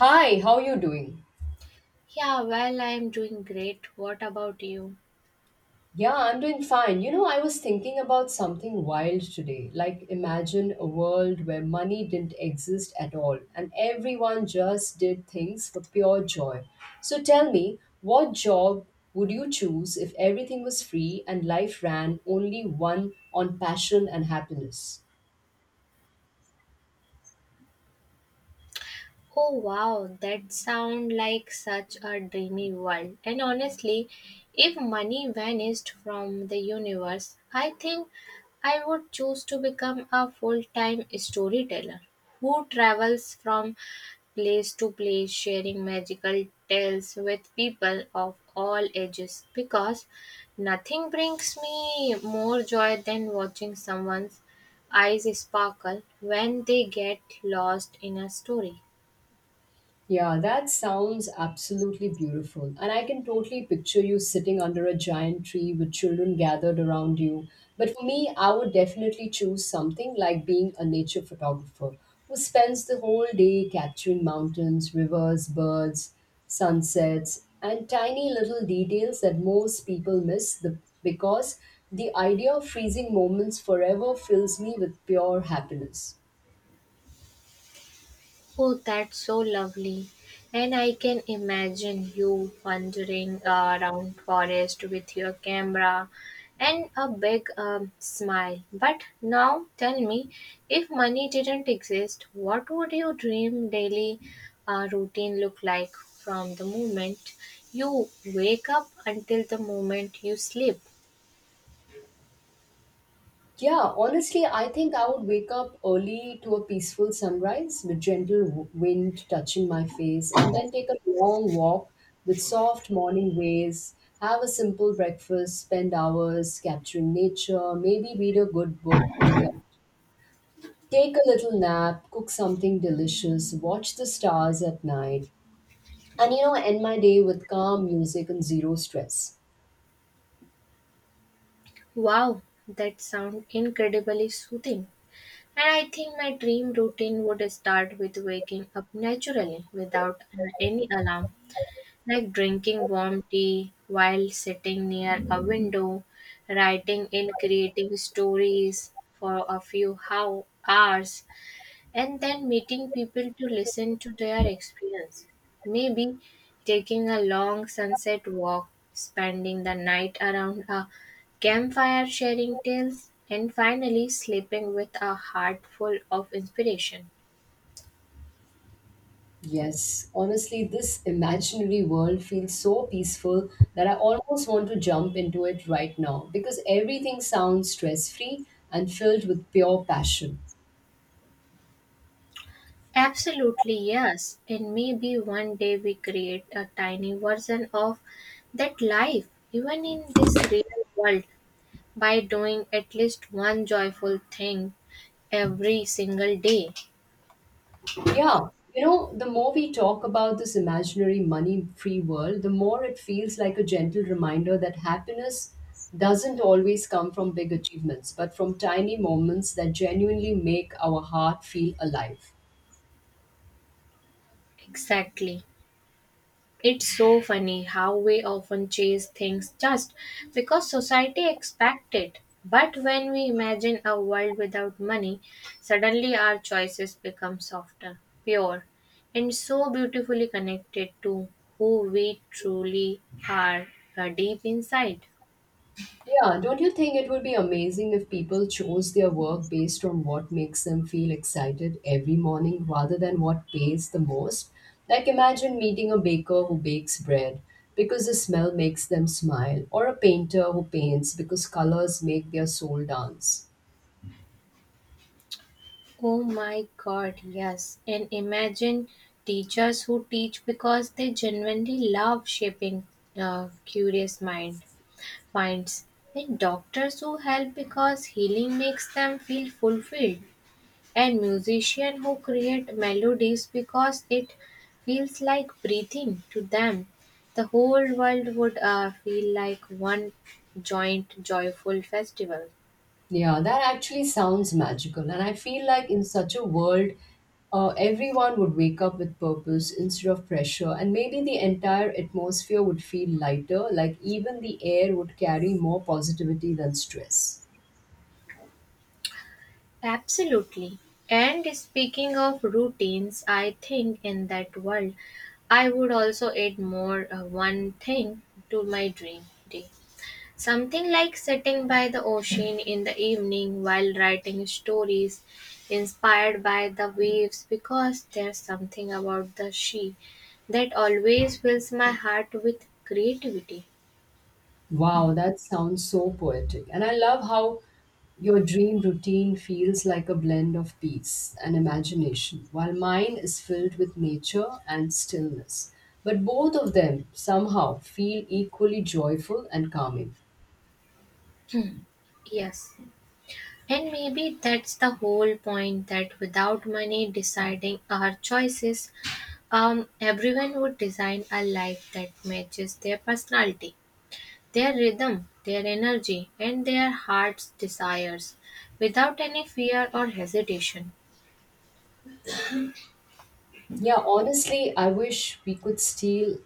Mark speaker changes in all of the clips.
Speaker 1: Hi, how you doing?
Speaker 2: Yeah, well, I'm doing great. What about you?
Speaker 1: Yeah, I'm doing fine. You know, I was thinking about something wild today. Like, imagine a world where money didn't exist at all and everyone just did things for pure joy. So tell me, what job would you choose if everything was free and life ran only one on passion and happiness?
Speaker 2: Oh wow, that sounds like such a dreamy world. And honestly, if money vanished from the universe, I think I would choose to become a full time storyteller who travels from place to place sharing magical tales with people of all ages because nothing brings me more joy than watching someone's eyes sparkle when they get lost in a story.
Speaker 1: Yeah, that sounds absolutely beautiful. And I can totally picture you sitting under a giant tree with children gathered around you. But for me, I would definitely choose something like being a nature photographer who spends the whole day capturing mountains, rivers, birds, sunsets, and tiny little details that most people miss the, because the idea of freezing moments forever fills me with pure happiness.
Speaker 2: Oh, that's so lovely. And I can imagine you wandering around forest with your camera and a big smile. But now tell me, if money didn't exist, what would your dream daily routine look like from the moment you wake up until the moment you sleep?
Speaker 1: Yeah, honestly, I think I would wake up early to a peaceful sunrise with gentle wind touching my face, and then take a long walk with soft morning waves, have a simple breakfast, spend hours capturing nature, maybe read a good book in the take a little nap, cook something delicious, watch the stars at night, and you know, end my day with calm music and zero stress.
Speaker 2: Wow, that sounds incredibly soothing. And I think my dream routine would start with waking up naturally without any alarm, like drinking warm tea while sitting near a window, writing and creating stories for a few how hours, and then meeting people to listen to their experience. Maybe taking a long sunset walk, spending the night around a campfire sharing tales, and finally sleeping with a heart full of inspiration.
Speaker 1: Yes, honestly, this imaginary world feels so peaceful that I almost want to jump into it right now because everything sounds stress free and filled with pure passion.
Speaker 2: Absolutely, yes. And maybe one day we create a tiny version of that life, even in this real world, by doing at least one joyful thing every single day.
Speaker 1: Yeah, you know, the more we talk about this imaginary money free world, the more it feels like a gentle reminder that happiness doesn't always come from big achievements, but from tiny moments that genuinely make our heart feel alive.
Speaker 2: Exactly. It's so funny how we often chase things just because society expects it. But when we imagine a world without money, suddenly our choices become softer, pure, and so beautifully connected to who we truly are deep inside.
Speaker 1: Yeah, don't you think it would be amazing if people chose their work based on what makes them feel excited every morning rather than what pays the most? Like, imagine meeting a baker who bakes bread because the smell makes them smile, or a painter who paints because colors make their soul dance.
Speaker 2: Oh my god, yes. And imagine teachers who teach because they genuinely love shaping a curious mind. Finds That doctors who help because healing makes them feel fulfilled, and musicians who create melodies because it feels like breathing to them. The whole world would feel like one joint joyful festival.
Speaker 1: Yeah, that actually sounds magical. And I feel like in such a world, everyone would wake up with purpose instead of pressure. And maybe the entire atmosphere would feel lighter, like even the air would carry more positivity than stress.
Speaker 2: Absolutely. And speaking of routines, I think in that world I would also add more one thing to my dream day. Something like sitting by the ocean in the evening while writing stories inspired by the waves, because there's something about the sea that always fills my heart with creativity.
Speaker 1: Wow, that sounds so poetic. And I love how your dream routine feels like a blend of peace and imagination, while mine is filled with nature and stillness. But both of them somehow feel equally joyful and calming.
Speaker 2: Yes, and maybe that's the whole point, that without money deciding our choices, everyone would design a life that matches their personality. Their rhythm, their energy, and their heart's desires, without any fear or hesitation.
Speaker 1: Yeah, honestly, I wish we could steal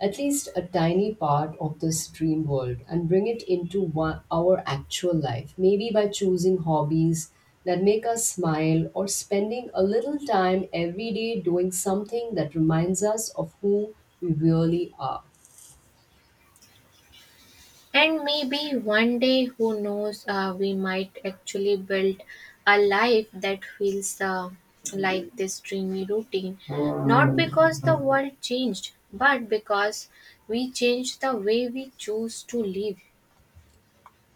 Speaker 1: at least a tiny part of this dream world and bring it into one, our actual life. Maybe by choosing hobbies that make us smile or spending a little time every day doing something that reminds us of who we really are.
Speaker 2: And maybe one day, who knows, we might actually build a life that feels like this dreamy routine. Not because the world changed, but because we changed the way we choose to live.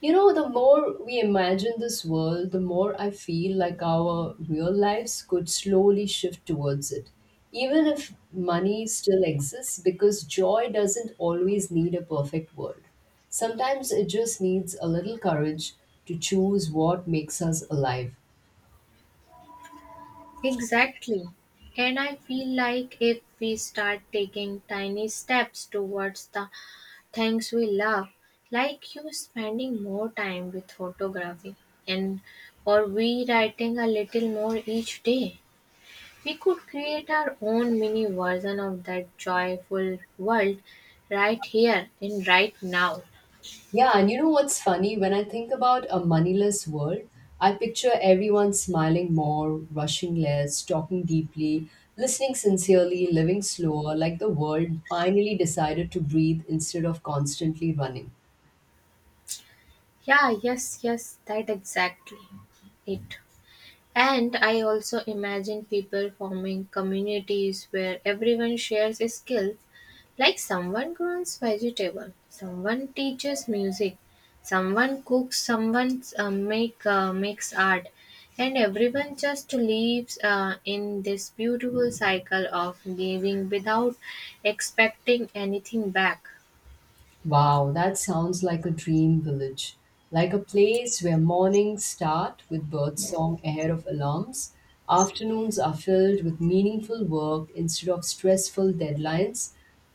Speaker 1: You know, the more we imagine this world, the more I feel like our real lives could slowly shift towards it. Even if money still exists, because joy doesn't always need a perfect world. Sometimes it just needs a little courage to choose what makes us alive.
Speaker 2: Exactly. And I feel like if we start taking tiny steps towards the things we love, like you spending more time with photography, and or we writing a little more each day, we could create our own mini version of that joyful world, right here and right now.
Speaker 1: Yeah, and you know what's funny? When I think about a moneyless world, I picture everyone smiling more, rushing less, talking deeply, listening sincerely, living slower, like the world finally decided to breathe instead of constantly running.
Speaker 2: Yeah, yes, yes, that exactly it. And I also imagine people forming communities where everyone shares a skill. Like someone grows vegetable, someone teaches music, someone cooks, someone makes art, and everyone just lives in this beautiful cycle of giving without expecting anything back.
Speaker 1: Wow, that sounds like a dream village. Like a place where mornings start with birdsong ahead of alarms, afternoons are filled with meaningful work instead of stressful deadlines,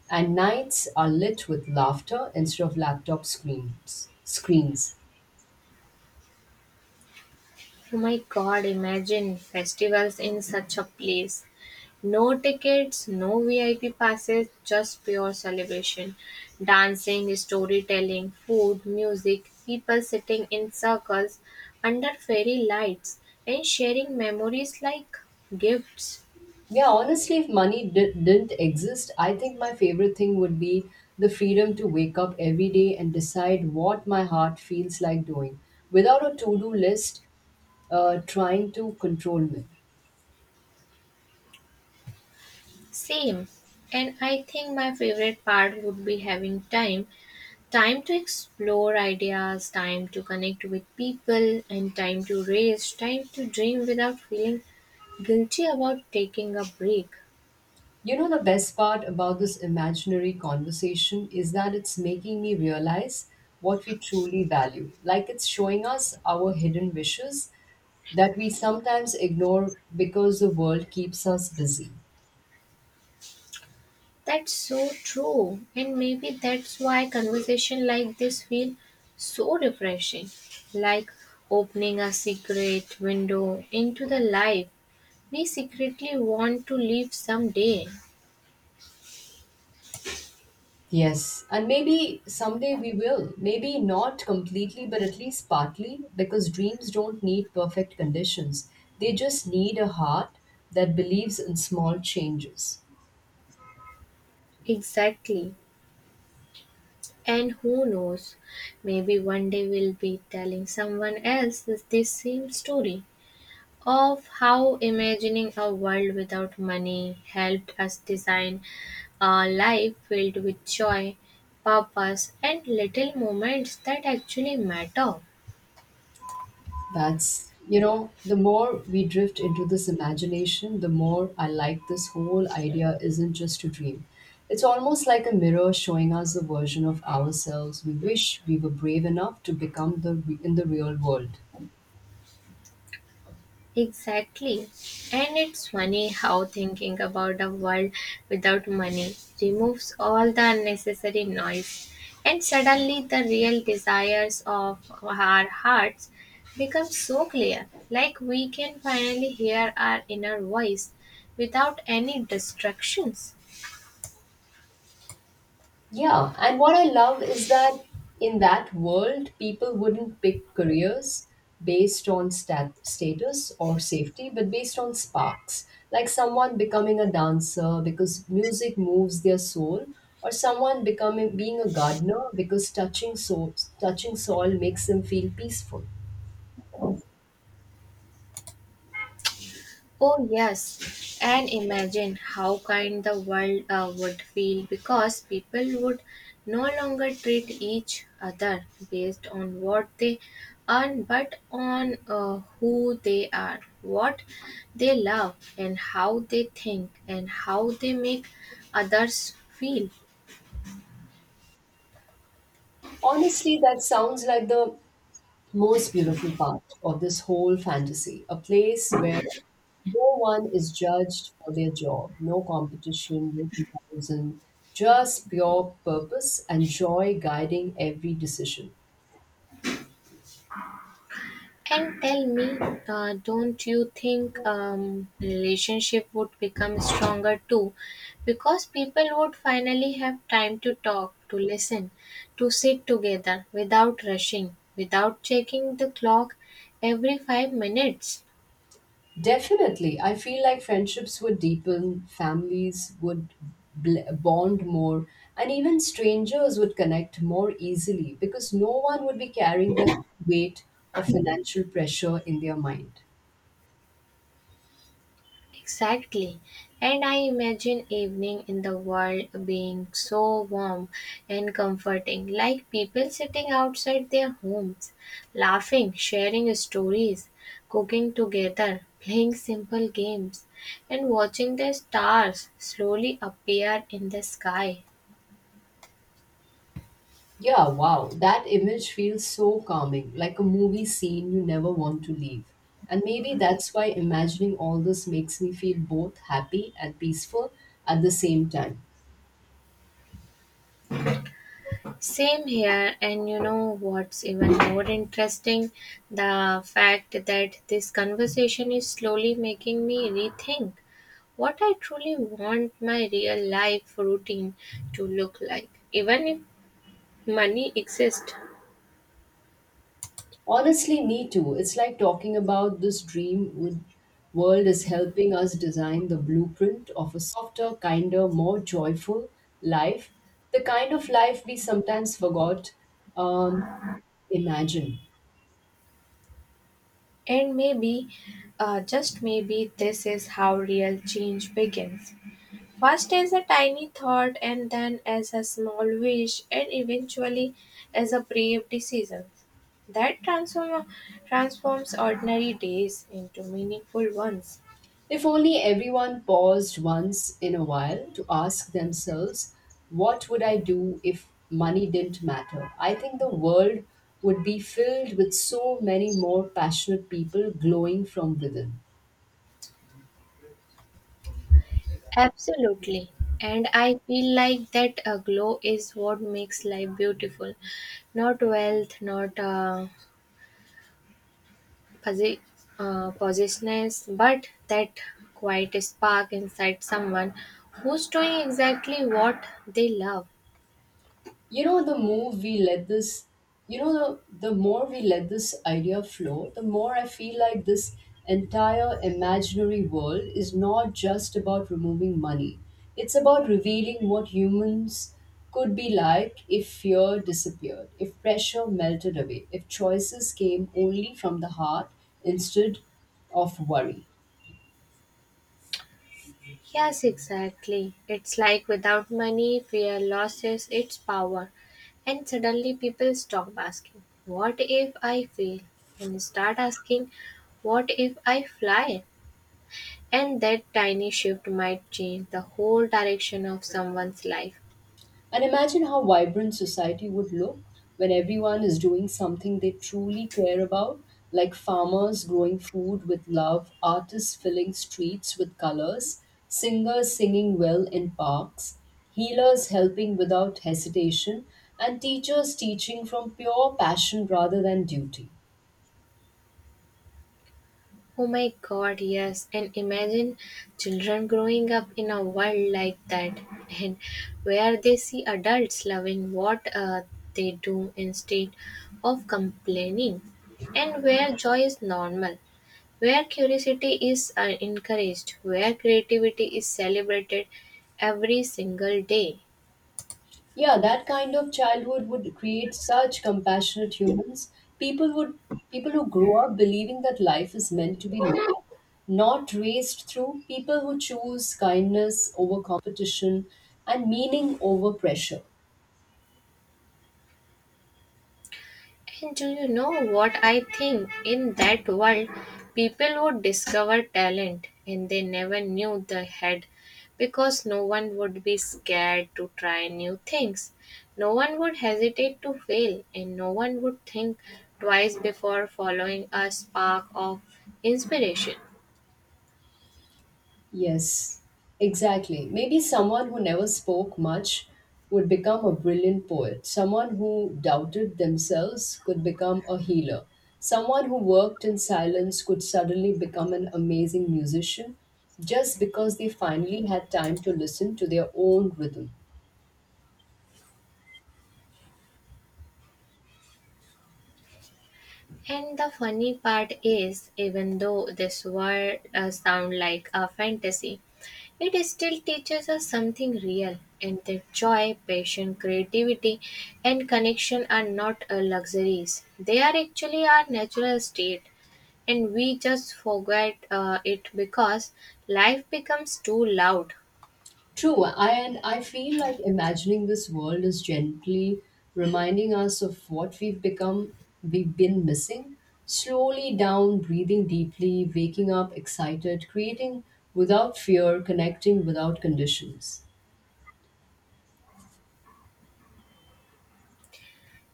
Speaker 1: and nights are lit with laughter instead of laptop screens. Screens.
Speaker 2: Oh my God! Imagine festivals in such a place. No tickets, no VIP passes, just pure celebration. Dancing, storytelling, food, music, people sitting in circles under fairy lights and sharing memories like gifts.
Speaker 1: Yeah, honestly, if money didn't exist, I think my favorite thing would be the freedom to wake up every day and decide what my heart feels like doing without a to do list trying to control me.
Speaker 2: Same. And I think my favorite part would be having time to explore ideas, time to connect with people, and time to rest, time to dream without feeling guilty about taking a break.
Speaker 1: You know, the best part about this imaginary conversation is that it's making me realize what we truly value. Like it's showing us our hidden wishes that we sometimes ignore because the world keeps us busy.
Speaker 2: That's so true, and maybe that's why conversation like this feel so refreshing, like opening a secret window into the life we secretly want to live someday.
Speaker 1: Yes, and maybe someday we will. Maybe not completely, but at least partly, because dreams don't need perfect conditions. They just need a heart that believes in small changes.
Speaker 2: Exactly. And who knows, maybe one day we'll be telling someone else this same story, of how imagining a world without money helped us design a life filled with joy, purpose, and little moments that actually matter.
Speaker 1: That's, you know, the more we drift into this imagination, the more I like this whole idea isn't just a dream. It's almost like a mirror showing us a version of ourselves we wish we were brave enough to become the in the real world.
Speaker 2: Exactly. And it's funny how thinking about a world without money removes all the unnecessary noise, and suddenly the real desires of our hearts become so clear, like we can finally hear our inner voice without any distractions.
Speaker 1: Yeah, and what I love is that in that world, people wouldn't pick careers based on status or safety, but based on sparks, like someone becoming a dancer because music moves their soul, or someone becoming being a gardener because touching touching soil makes them feel peaceful.
Speaker 2: Oh, yes. And imagine how kind the world would feel, because people would no longer treat each other based on what they earn, but on who they are, what they love, and how they think, and how they make others feel.
Speaker 1: Honestly, that sounds like the most beautiful part of this whole fantasy a place where no one is judged for their job, no competition, no comparison, just pure purpose and joy guiding every decision.
Speaker 2: And tell me, don't you think relationship would become stronger too? Because people would finally have time to talk, to listen, to sit together without rushing, without checking the clock every 5 minutes.
Speaker 1: Definitely, I feel like friendships would deepen, families would bond more, and even strangers would connect more easily because no one would be carrying the weight of financial pressure in their mind.
Speaker 2: Exactly. And I imagine evening in the world being so warm and comforting, like people sitting outside their homes, laughing, sharing stories, cooking together, playing simple games, and watching the stars slowly appear in the sky.
Speaker 1: Yeah, wow. That image feels so calming, like a movie scene you never want to leave. And maybe that's why imagining all this makes me feel both happy and peaceful at the same time.
Speaker 2: Same here, and you know what's even more interesting? The fact that this conversation is slowly making me rethink what I truly want my real life routine to look like, even if money exists.
Speaker 1: Honestly, me too. It's like talking about this dream would world is helping us design the blueprint of a softer, kinder, more joyful life, the kind of life we sometimes forgot um, imagine.
Speaker 2: And maybe, just maybe, this is how real change begins. First, as a tiny thought, and then as a small wish, and eventually as a brave decision that transforms ordinary days into meaningful ones.
Speaker 1: If only everyone paused once in a while to ask themselves, what would I do if money didn't matter? I think the world would be filled with so many more passionate people glowing from within.
Speaker 2: Absolutely. And I feel like that glow is what makes life beautiful. Not wealth, not posi- possessiveness, but that quiet spark inside someone who's doing exactly what they love.
Speaker 1: You know the more we let this you know The more we let this idea flow, the more I feel like this entire imaginary world is not just about removing money. It's about revealing what humans could be like if fear disappeared, if pressure melted away, if choices came only from the heart instead of worry.
Speaker 2: Yes, exactly. It's like without money, fear loses its power. And suddenly people stop asking, "What if I fail?" and start asking, "What if I fly?" And that tiny shift might change the whole direction of someone's life.
Speaker 1: And imagine how vibrant society would look when everyone is doing something they truly care about, like farmers growing food with love, artists filling streets with colors, singers singing well in parks, healers helping without hesitation, and teachers teaching from pure passion rather than duty.
Speaker 2: Oh my god, yes. And imagine children growing up in a world like that and where they see adults loving what they do instead of complaining, and where joy is normal, where curiosity is encouraged, where creativity is celebrated every single day.
Speaker 1: Yeah, that kind of childhood would create such compassionate humans. People would People who grow up believing that life is meant to be lived not raised through people who choose kindness over competition and meaning over pressure.
Speaker 2: And do you know what I think? In that world, people would discover talent and they never knew they had, because no one would be scared to try new things. No one would hesitate to fail, and no one would think twice before following a spark of inspiration.
Speaker 1: Yes, exactly. Maybe someone who never spoke much would become a brilliant poet. Someone who doubted themselves could become a healer. Someone who worked in silence could suddenly become an amazing musician just because they finally had time to listen to their own rhythm.
Speaker 2: And the funny part is, even though this world sound like a fantasy, it still teaches us something real, and that joy, passion, creativity, and connection are not a luxuries. They are actually our natural state, and we just forget it because life becomes too loud.
Speaker 1: True, and I feel like imagining this world is gently reminding us of what we've been missing. Slowly down, breathing deeply, waking up excited, creating without fear, connecting without conditions.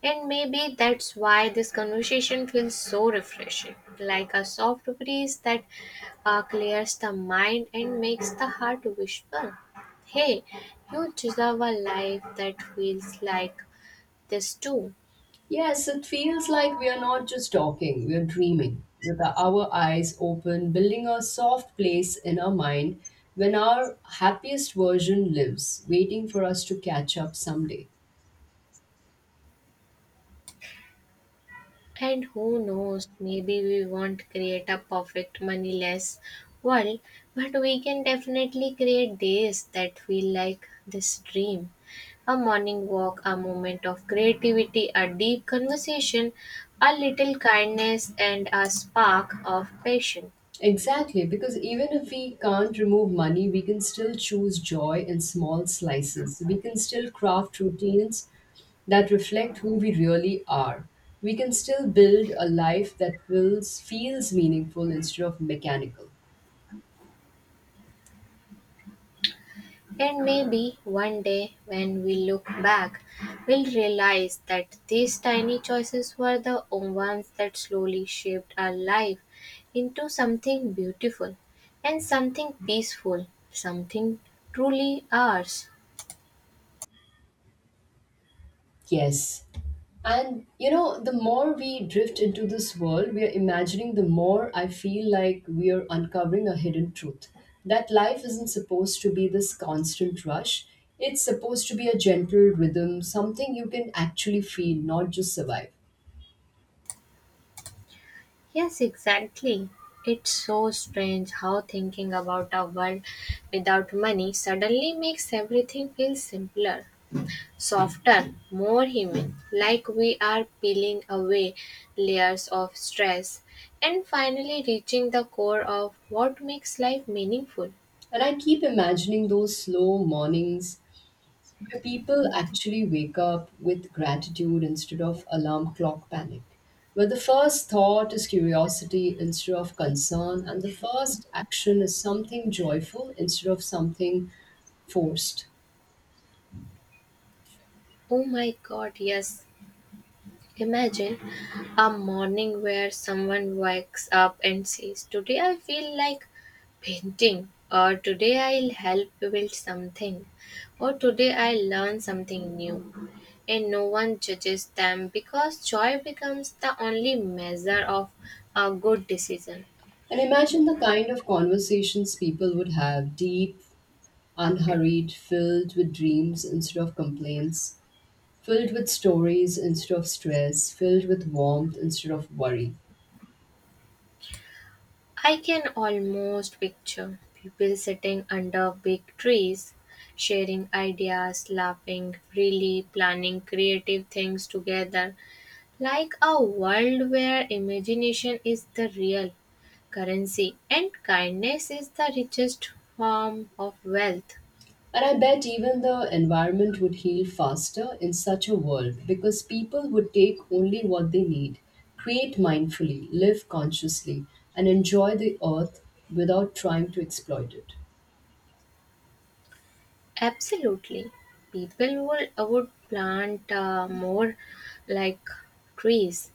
Speaker 2: And maybe that's why this conversation feels so refreshing, like a soft breeze that clears the mind and makes the heart whisper. Hey, you deserve a life that feels like this too.
Speaker 1: Yes, it feels like we are not just talking, we are dreaming with our eyes open, building a soft place in our mind when our happiest version lives, waiting for us to catch up someday.
Speaker 2: And who knows, maybe we won't create a perfect moneyless world, but we can definitely create days that feel like this dream. A morning walk, a moment of creativity, a deep conversation, a little kindness, and a spark of passion.
Speaker 1: Exactly, because even if we can't remove money, we can still choose joy in small slices. We can still craft routines that reflect who we really are. We can still build a life that feels meaningful instead of mechanical.
Speaker 2: And maybe one day, when we look back, we'll realize that these tiny choices were the ones that slowly shaped our life into something beautiful, and something peaceful, something truly ours.
Speaker 1: Yes, and you know, the more we drift into this world we are imagining, the more I feel like we are uncovering a hidden truth. That life isn't supposed to be this constant rush, it's supposed to be a gentle rhythm, something you can actually feel, not just survive.
Speaker 2: Yes, exactly. It's so strange how thinking about a world without money suddenly makes everything feel simpler. Softer, more human, like we are peeling away layers of stress and finally reaching the core of what makes life meaningful.
Speaker 1: And I keep imagining those slow mornings where people actually wake up with gratitude instead of alarm clock panic. Where the first thought is curiosity instead of concern, and the first action is something joyful instead of something forced.
Speaker 2: Oh my god, yes. Imagine a morning where someone wakes up and says, "Today I feel like painting," or "Today I'll help build something," or "Today I'll learn something new." And no one judges them because joy becomes the only measure of a good decision.
Speaker 1: And imagine the kind of conversations people would have deep, unhurried, filled with dreams instead of complaints, filled with stories instead of stress, filled with warmth instead of worry.
Speaker 2: I can almost picture people sitting under big trees, sharing ideas, laughing freely, planning creative things together, like a world where imagination is the real currency and kindness is the richest form of wealth.
Speaker 1: And I bet even the environment would heal faster in such a world because people would take only what they need, create mindfully, live consciously, and enjoy the earth without trying to exploit it.
Speaker 2: Absolutely. People would plant more like trees,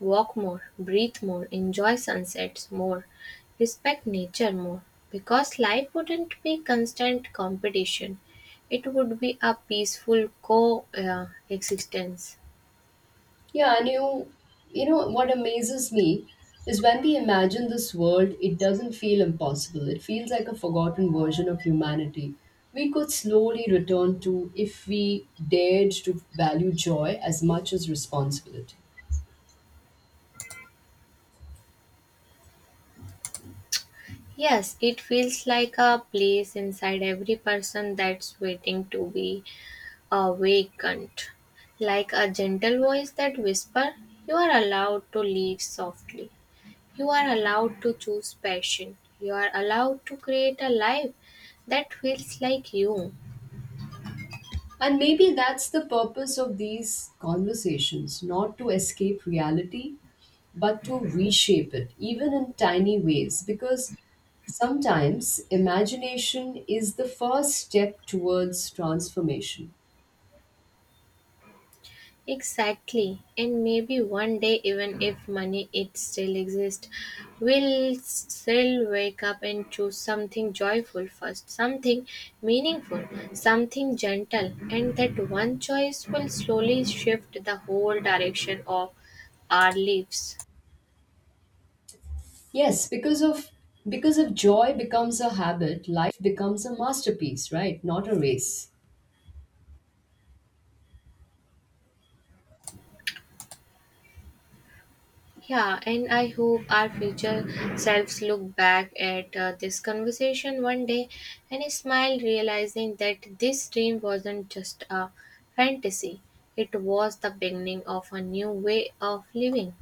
Speaker 2: walk more, breathe more, enjoy sunsets more, respect nature more. Because life wouldn't be constant competition, it would be a peaceful co existence.
Speaker 1: Yeah, you know, what amazes me is when we imagine this world, it doesn't feel impossible. It feels like a forgotten version of humanity. We could slowly return to if we dared to value joy as much as responsibility.
Speaker 2: Yes, it feels like a place inside every person that's waiting to be awakened, like a gentle voice that whispers, "You are allowed to live softly. You are allowed to choose passion. You are allowed to create a life that feels like you."
Speaker 1: And maybe that's the purpose of these conversations not to escape reality, but to reshape it, even in tiny ways. Because sometimes imagination is the first step towards transformation.
Speaker 2: Exactly. And maybe one day, even if money it still exists, we'll still wake up and choose something joyful first, something meaningful, something gentle. And that one choice will slowly shift the whole direction of our lives.
Speaker 1: Yes, because of joy becomes a habit, life becomes a masterpiece, right? Not a race.
Speaker 2: Yeah, and I hope our future selves look back at this conversation one day and smile, realizing that this dream wasn't just a fantasy, it was the beginning of a new way of living.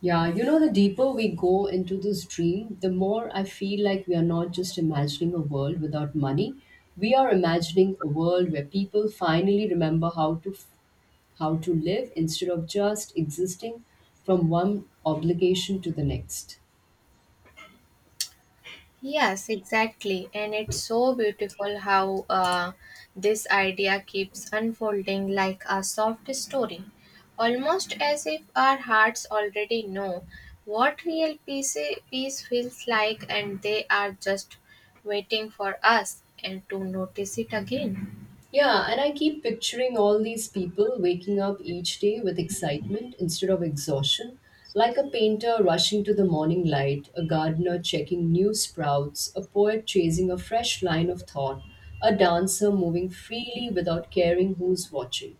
Speaker 1: Yeah, you know, the deeper we go into this dream, the more I feel like we are not just imagining a world without money. We are imagining a world where people finally remember how to live instead of just existing from one obligation to the next.
Speaker 2: Yes, exactly. And it's so beautiful how this idea keeps unfolding like a soft story, almost as if our hearts already know what real peace feels like, and they are just waiting for us and to notice it again.
Speaker 1: Yeah, and I keep picturing all these people waking up each day with excitement instead of exhaustion, like a painter rushing to the morning light, a gardener checking new sprouts, a poet chasing a fresh line of thought, a dancer moving freely without caring who's watching.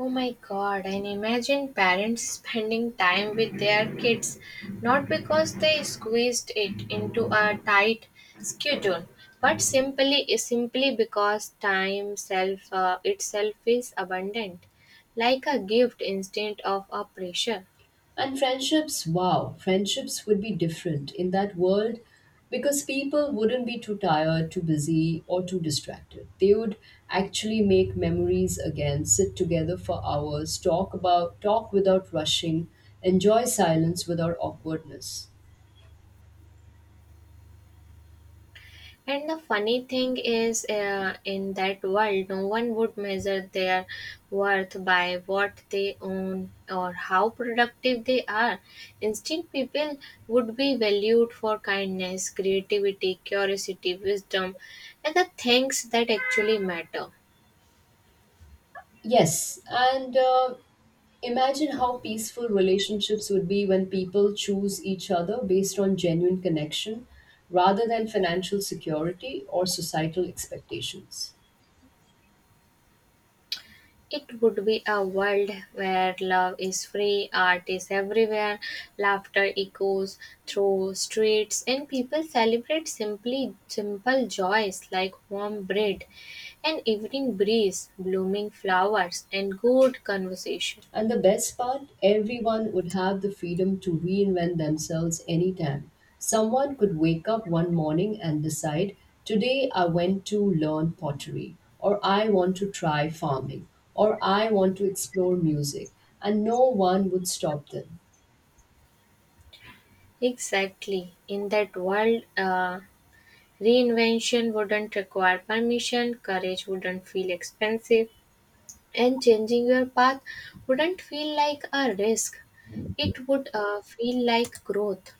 Speaker 2: Oh my god, and imagine parents spending time with their kids not because they squeezed it into a tight schedule, but simply because time self itself is abundant, like a gift instead of a pressure.
Speaker 1: And friendships, wow, friendships would be different in that world because people wouldn't be too tired, too busy, or too distracted. They would actually make memories again, sit together for hours, talk about talk without rushing, enjoy silence without awkwardness.
Speaker 2: And the funny thing is, in that world, no one would measure their worth by what they own or how productive they are. Instead, people would be valued for kindness, creativity, curiosity, wisdom, and the things that actually matter.
Speaker 1: Yes, and imagine how peaceful relationships would be when people choose each other based on genuine connection rather than financial security or societal expectations.
Speaker 2: It would be a world where love is free, art is everywhere, laughter echoes through streets, and people celebrate simply simple joys like warm bread, an evening breeze, blooming flowers, and good conversation.
Speaker 1: And the best part, everyone would have the freedom to reinvent themselves anytime. Someone could wake up one morning and decide, today I went to learn pottery, or I want to try farming, or I want to explore music, and no one would stop them.
Speaker 2: Exactly. In that world, reinvention wouldn't require permission, courage wouldn't feel expensive, and changing your path wouldn't feel like a risk. It would feel like growth.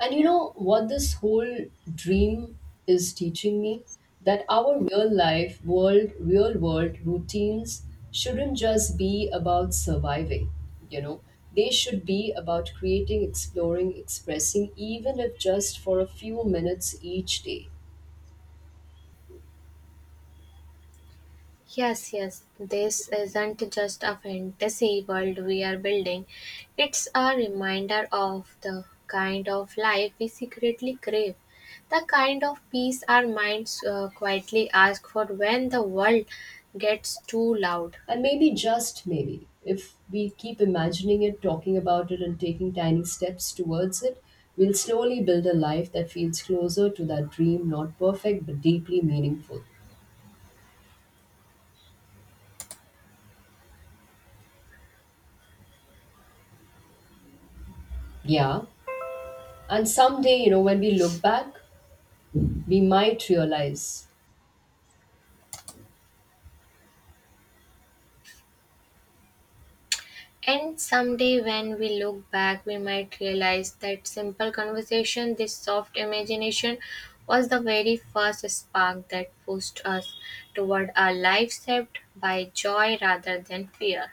Speaker 1: And you know what this whole dream is teaching me? That our real world routines shouldn't just be about surviving, you know. They should be about creating, exploring, expressing, even if just for a few minutes each day.
Speaker 2: Yes, yes, this isn't just a fantasy world we are building, it's a reminder of the kind of life we secretly crave, the kind of peace our minds quietly ask for when the world gets too loud.
Speaker 1: And maybe just maybe, if we keep imagining it, talking about it, and taking tiny steps towards it, we'll slowly build a life that feels closer to that dream, not perfect, but deeply meaningful. Yeah. And someday, you know, when we look back, we might realize
Speaker 2: And someday, when we look back, we might realize that simple conversation, this soft imagination, was the very first spark that pushed us toward a life shaped by joy rather than fear.